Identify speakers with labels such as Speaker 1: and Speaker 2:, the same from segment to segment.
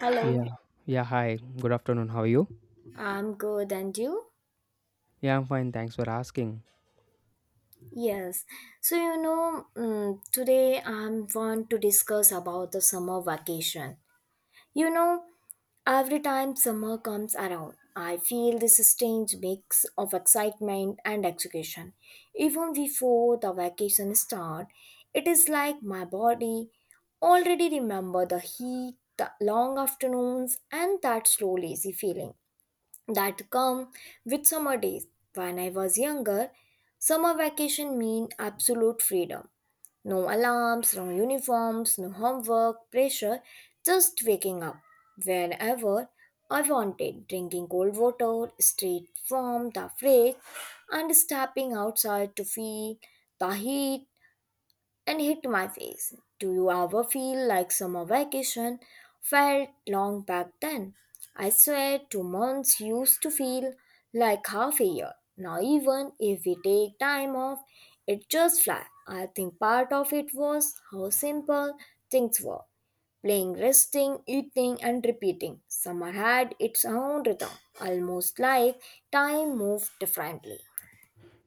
Speaker 1: Hello,
Speaker 2: Yeah. Yeah, hi. Good afternoon. How are you?
Speaker 1: I'm good, and you?
Speaker 2: Yeah, I'm fine. Thanks for asking.
Speaker 1: Yes. So today I want to discuss about the summer vacation. You know, every time summer comes around, I feel this strange mix of excitement and exhaustion. Even before the vacation start, it is like my body already remember the heat, the long afternoons, and that slow lazy feeling. That come with summer days. When I was younger, summer vacation mean absolute freedom. No alarms, no uniforms, no homework, pressure, just waking up wherever I wanted, drinking cold water straight from the fridge and stepping outside to feel the heat and hit my face. Do you ever feel like summer vacation felt long back then? I swear 2 months used to feel like half a year. Now even if we take time off, it just flies. I think part of it was how simple things were. Playing, resting, eating and repeating. Summer had its own rhythm, almost like time moved differently.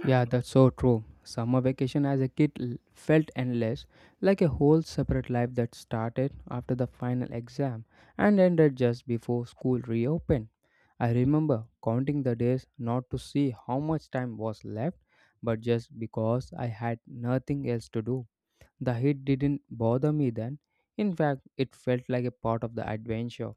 Speaker 2: Yeah, that's so true. Summer vacation as a kid felt endless, like a whole separate life that started after the final exam and ended just before school reopened. I remember counting the days not to see how much time was left, but just because I had nothing else to do. The heat didn't bother me then. In fact, it felt like a part of the adventure.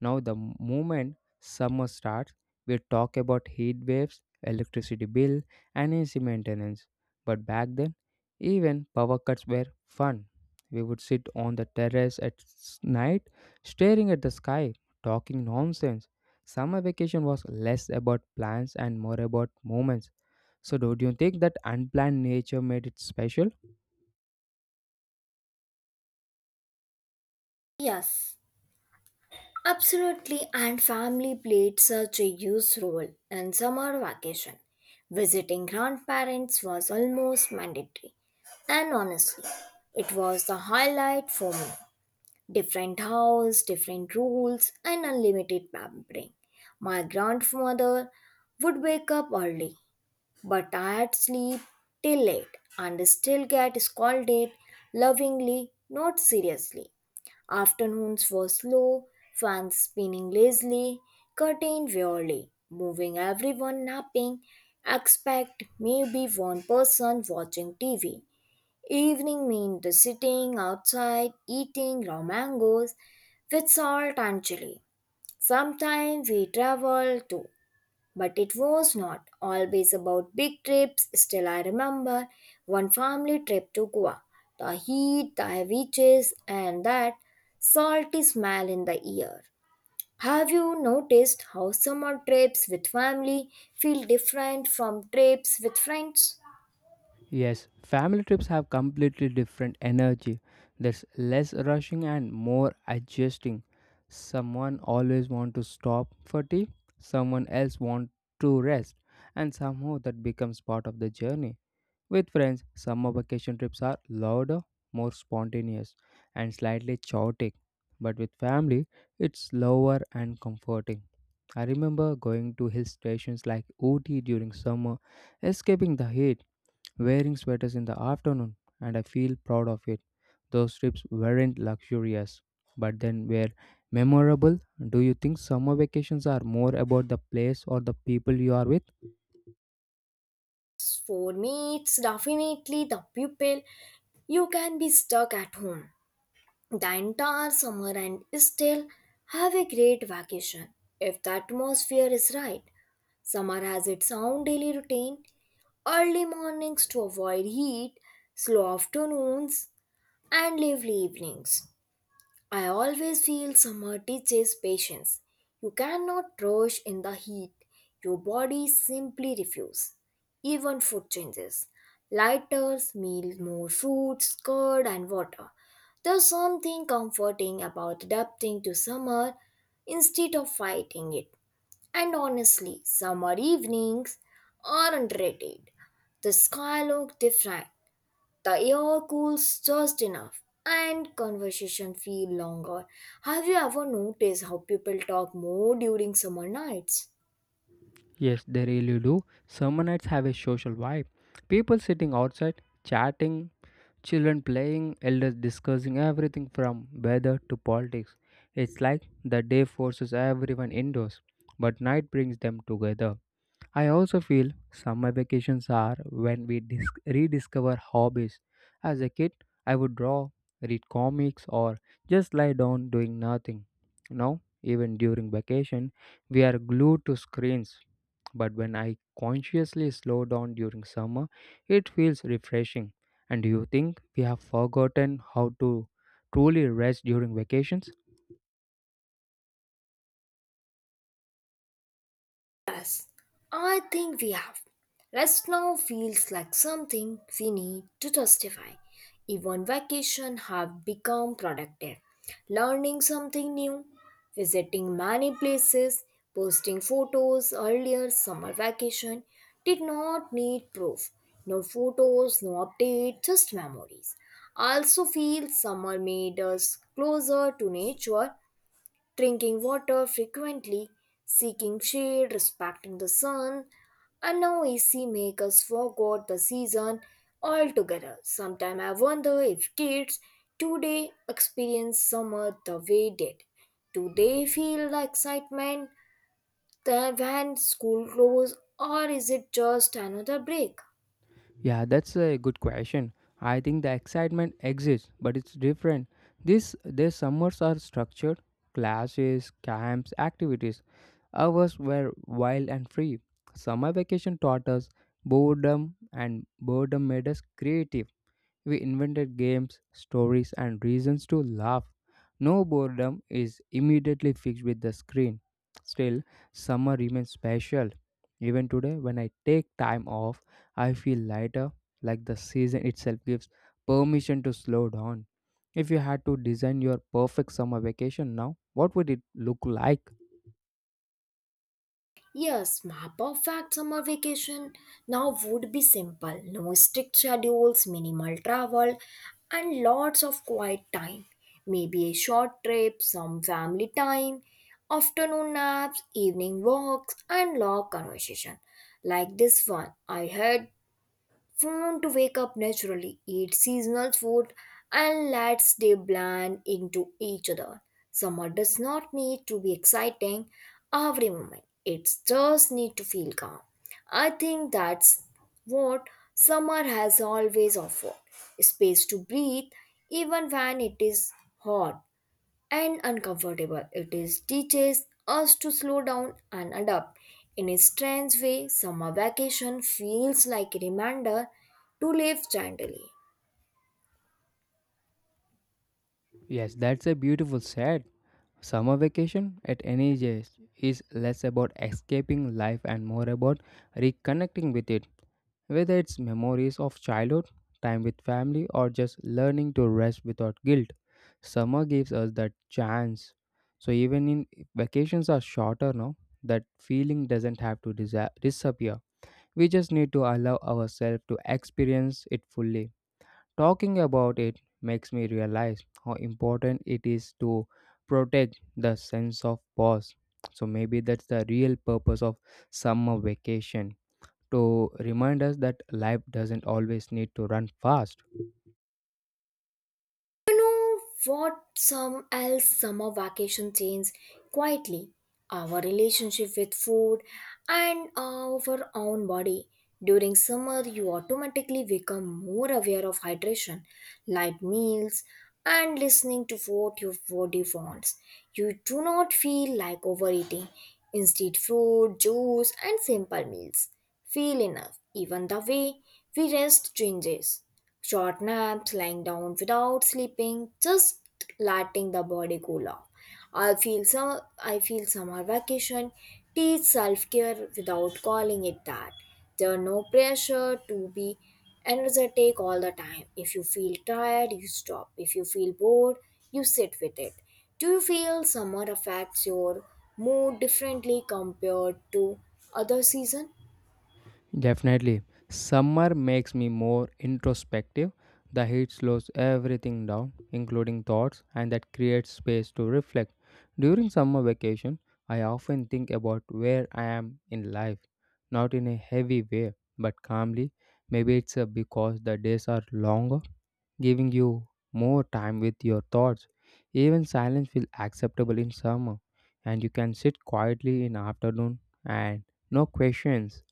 Speaker 2: Now, the moment summer starts, we talk about heat waves, electricity bill, and AC maintenance. But back then, even power cuts were fun. We would sit on the terrace at night, staring at the sky, talking nonsense. Summer vacation was less about plans and more about moments. So, do you think that unplanned nature made it special?
Speaker 1: Yes. Absolutely, and family played such a huge role in summer vacation. Visiting grandparents was almost mandatory. And honestly, it was the highlight for me. Different house, different rules, and unlimited pampering. My grandmother would wake up early, but I'd sleep till late and still get scolded lovingly, not seriously. Afternoons were slow, fans spinning lazily, curtain wearily, moving everyone napping, except maybe one person watching TV. Evening meant the sitting outside, eating raw mangoes with salt and chili. Sometimes we traveled too, but it was not always about big trips. Still, I remember one family trip to Goa. The heat, the heavy chase, and that salty smell in the air. Have you noticed how summer trips with family feel different from trips with friends?
Speaker 2: Yes, family trips have completely different energy. There's less rushing and more adjusting. Someone always want to stop for tea, someone else want to rest, and somehow that becomes part of the journey. With friends, summer vacation trips are louder, more spontaneous, and slightly chaotic. But with family, it's slower and comforting. I remember going to hill stations like Ooty during summer, escaping the heat wearing sweaters in the afternoon, and I feel proud of it. Those trips weren't luxurious, but then were memorable. Do you think summer vacations are more about the place or the people you are with?
Speaker 1: For me, it's definitely the people. You can be stuck at home the entire summer and still have a great vacation if the atmosphere is right. Summer has its own daily routine early mornings to avoid heat, slow afternoons, and lively evenings. I always feel summer teaches patience. You cannot rush in the heat, your body simply refuses. Even food changes. Lighter meals, more fruits, curd, and water. There's something comforting about adapting to summer instead of fighting it. And honestly, summer evenings are underrated. The sky looks different, the air cools just enough, and conversation feel longer. Have you ever noticed how people talk more during summer nights?
Speaker 2: Yes, they really do. Summer nights have a social vibe. People sitting outside, chatting, children playing, elders discussing everything from weather to politics. It's like the day forces everyone indoors, but night brings them together. I also feel summer vacations are when we rediscover hobbies. As a kid, I would draw, read comics, or just lie down doing nothing. Now, even during vacation, we are glued to screens. But when I consciously slow down during summer, it feels refreshing. And do you think we have forgotten how to truly rest during vacations?
Speaker 1: I think we have. Rest now feels like something we need to justify. Even vacation have become productive. Learning something new, visiting many places, posting photos earlier summer vacation did not need proof. No photos, no update, just memories. I also feel summer made us closer to nature drinking water frequently, seeking shade, respecting the sun, and now AC make us forget the season altogether. Sometimes I wonder if kids today experience summer the way did. Do they feel the excitement when school closes, or is it just another break?
Speaker 2: Yeah, that's a good question. I think the excitement exists, but it's different. This their summers are structured, classes, camps, activities. Ours were wild and free. Summer vacation taught us boredom, and boredom made us creative. We invented games, stories, and reasons to laugh. No boredom is immediately fixed with the screen. Still, summer remains special. Even today, when I take time off, I feel lighter, like the season itself gives permission to slow down. If you had to design your perfect summer vacation now, what would it look like?
Speaker 1: Yes, my perfect summer vacation now would be simple. No strict schedules, minimal travel, and lots of quiet time. Maybe a short trip, some family time, afternoon naps, evening walks, and long conversation. Like this one I had Phone to wake up naturally, eat seasonal food, and let's they blend into each other. Summer does not need to be exciting every moment. It just need to feel calm. I think that's what summer has always offered. Space to breathe even when it is hot and uncomfortable. It is teaches us to slow down and adapt. In a strange way, summer vacation feels like a reminder to live gently.
Speaker 2: Yes, that's a beautiful set. Summer vacation at any age is less about escaping life and more about reconnecting with it, whether it's memories of childhood, time with family, or just learning to rest without guilt. Summer gives us that chance. So even in vacations are shorter now, that feeling doesn't have to disappear. We just need to allow ourselves to experience it fully. Talking about it makes me realize how important it is to protect the sense of pause. So maybe that's the real purpose of summer vacation to remind us that life doesn't always need to run fast.
Speaker 1: You know what? Some else summer vacation changed quietly our relationship with food and our own body. During summer, you automatically become more aware of hydration, light meals, and listening to what your body wants. You do not feel like overeating. Instead, fruit, juice, and simple meals feel enough. Even the way we rest changes. Short naps, lying down without sleeping, just letting the body cool off. I feel summer vacation teach self-care without calling it that. There are no pressure to be energetic all the time. If you feel tired, you stop. If you feel bored, you sit with it. Do you feel summer affects your mood differently compared to other season?
Speaker 2: Definitely. Summer makes me more introspective. The heat slows everything down, including thoughts, and that creates space to reflect. During summer vacation, I often think about where I am in life, not in a heavy way, but calmly. Maybe it's because the days are longer, giving you more time with your thoughts. Even silence feels acceptable in summer, and you can sit quietly in afternoon and no questions.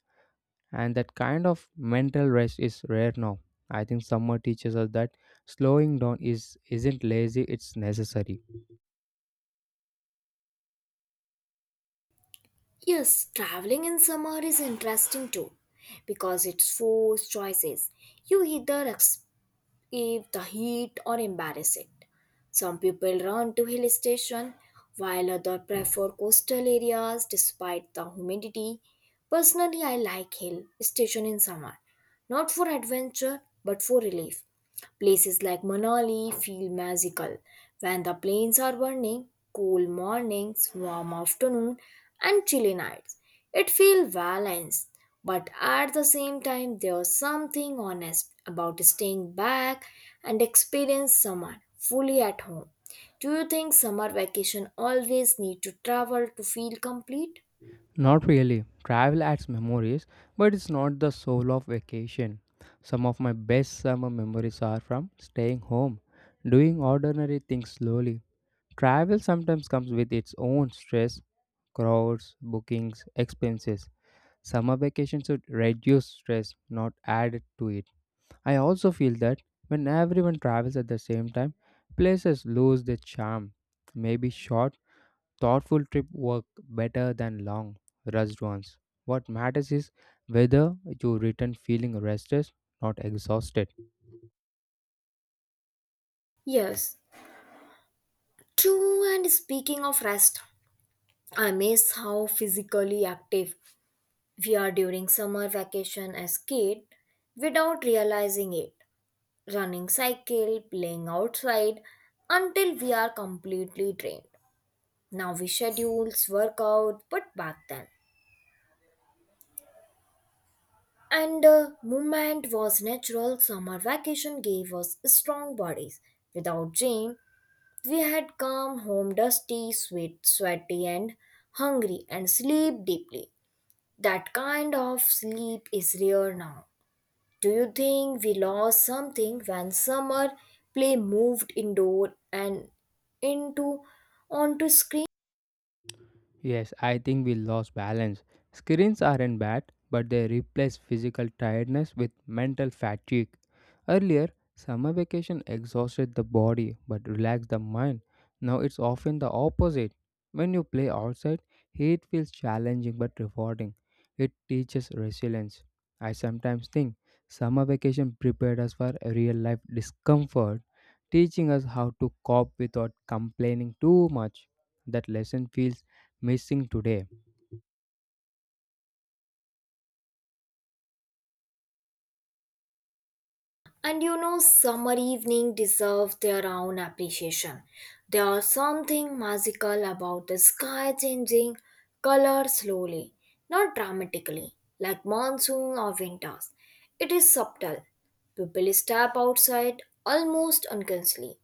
Speaker 2: And that kind of mental rest is rare now. I think summer teaches us that slowing down is isn't lazy, it's necessary.
Speaker 1: Yes, traveling in summer is interesting too because it's forced choices. You either escape the heat or embrace it. Some people run to hill station while others prefer coastal areas despite the humidity. Personally, I like hill station in summer, not for adventure but for relief. Places like Manali feel magical when the plains are burning, cool mornings, warm afternoon, and chilly nights. It feels balanced, but at the same time, there's something honest about staying back and experience summer fully at home. Do you think summer vacation always need to travel to feel complete?
Speaker 2: Not really. Travel adds memories, but it's not the soul of vacation. Some of my best summer memories are from staying home, doing ordinary things slowly. Travel sometimes comes with its own stress, crowds, bookings, expenses. Summer vacation should reduce stress, not add to it. I also feel that when everyone travels at the same time, places lose their charm. Maybe short, thoughtful trip work better than long, rushed ones. What matters is whether you return feeling restless, not exhausted.
Speaker 1: Yes. True, and speaking of rest, I miss how physically active We are during summer vacation as kid without realizing it, running cycle, playing outside until we are completely drained. Now we schedules work out, but back then. And the movement was natural. Summer vacation gave us strong bodies. Without gym, we had come home dusty, sweat, sweaty, and hungry, and sleep deeply. That kind of sleep is rare now. Do you think we lost something when summer play moved indoor and into onto screen?
Speaker 2: Yes, I think we lost balance. Screens aren't bad, but they replace physical tiredness with mental fatigue. Earlier, summer vacation exhausted the body but relaxed the mind. Now it's often the opposite. When you play outside, heat feels challenging but rewarding. It teaches resilience. I sometimes think summer vacation prepared us for real life discomfort, teaching us how to cope without complaining too much. That lesson feels missing today.
Speaker 1: And you know, summer evening deserve their own appreciation. There is something magical about the sky changing color slowly, not dramatically, like monsoon or winters. It is subtle. People step outside almost unconsciously.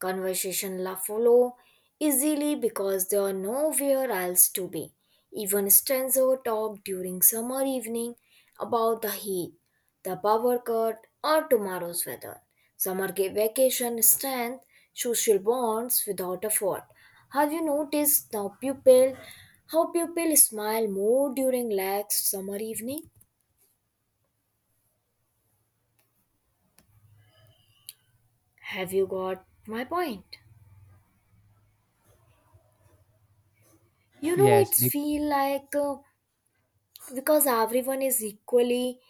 Speaker 1: Conversation la follow easily because there are nowhere else to be. Even stranger talk during summer evening about the heat the power cut, or tomorrow's weather. Summer gave vacation strength, social bonds without a fault. Have you noticed now people how people smile more during relaxed summer evening? Have you got my point? You know
Speaker 2: Yes,
Speaker 1: it's
Speaker 2: be-
Speaker 1: feel like because everyone is equally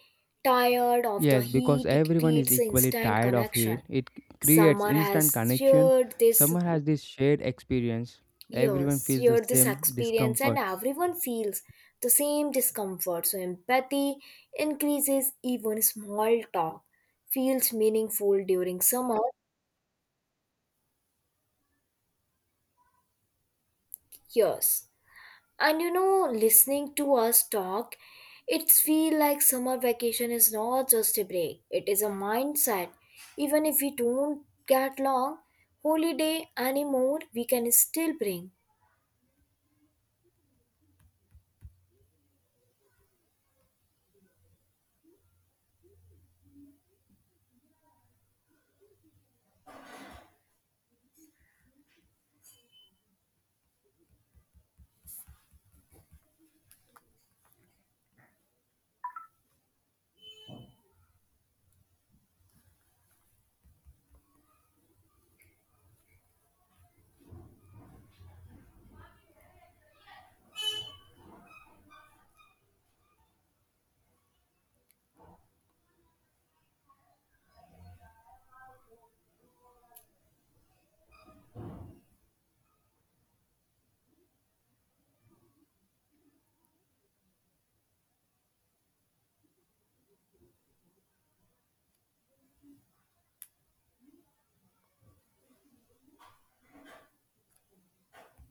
Speaker 1: tired of the
Speaker 2: yes, because
Speaker 1: heat, it
Speaker 2: everyone is
Speaker 1: creates an
Speaker 2: equally
Speaker 1: instant
Speaker 2: tired of it.
Speaker 1: connection.
Speaker 2: It creates
Speaker 1: Summer
Speaker 2: instant
Speaker 1: has
Speaker 2: connection.
Speaker 1: shared this
Speaker 2: Someone has this shared experience. Everyone
Speaker 1: Yes,
Speaker 2: feels the
Speaker 1: share this
Speaker 2: same
Speaker 1: experience, and
Speaker 2: discomfort.
Speaker 1: everyone feels the same discomfort. So, empathy increases, even small talk feels meaningful during summer. Yes, and you know, listening to us talk, it feels like summer vacation is not just a break, it is a mindset. Even if we don't get long holiday anymore, we can still bring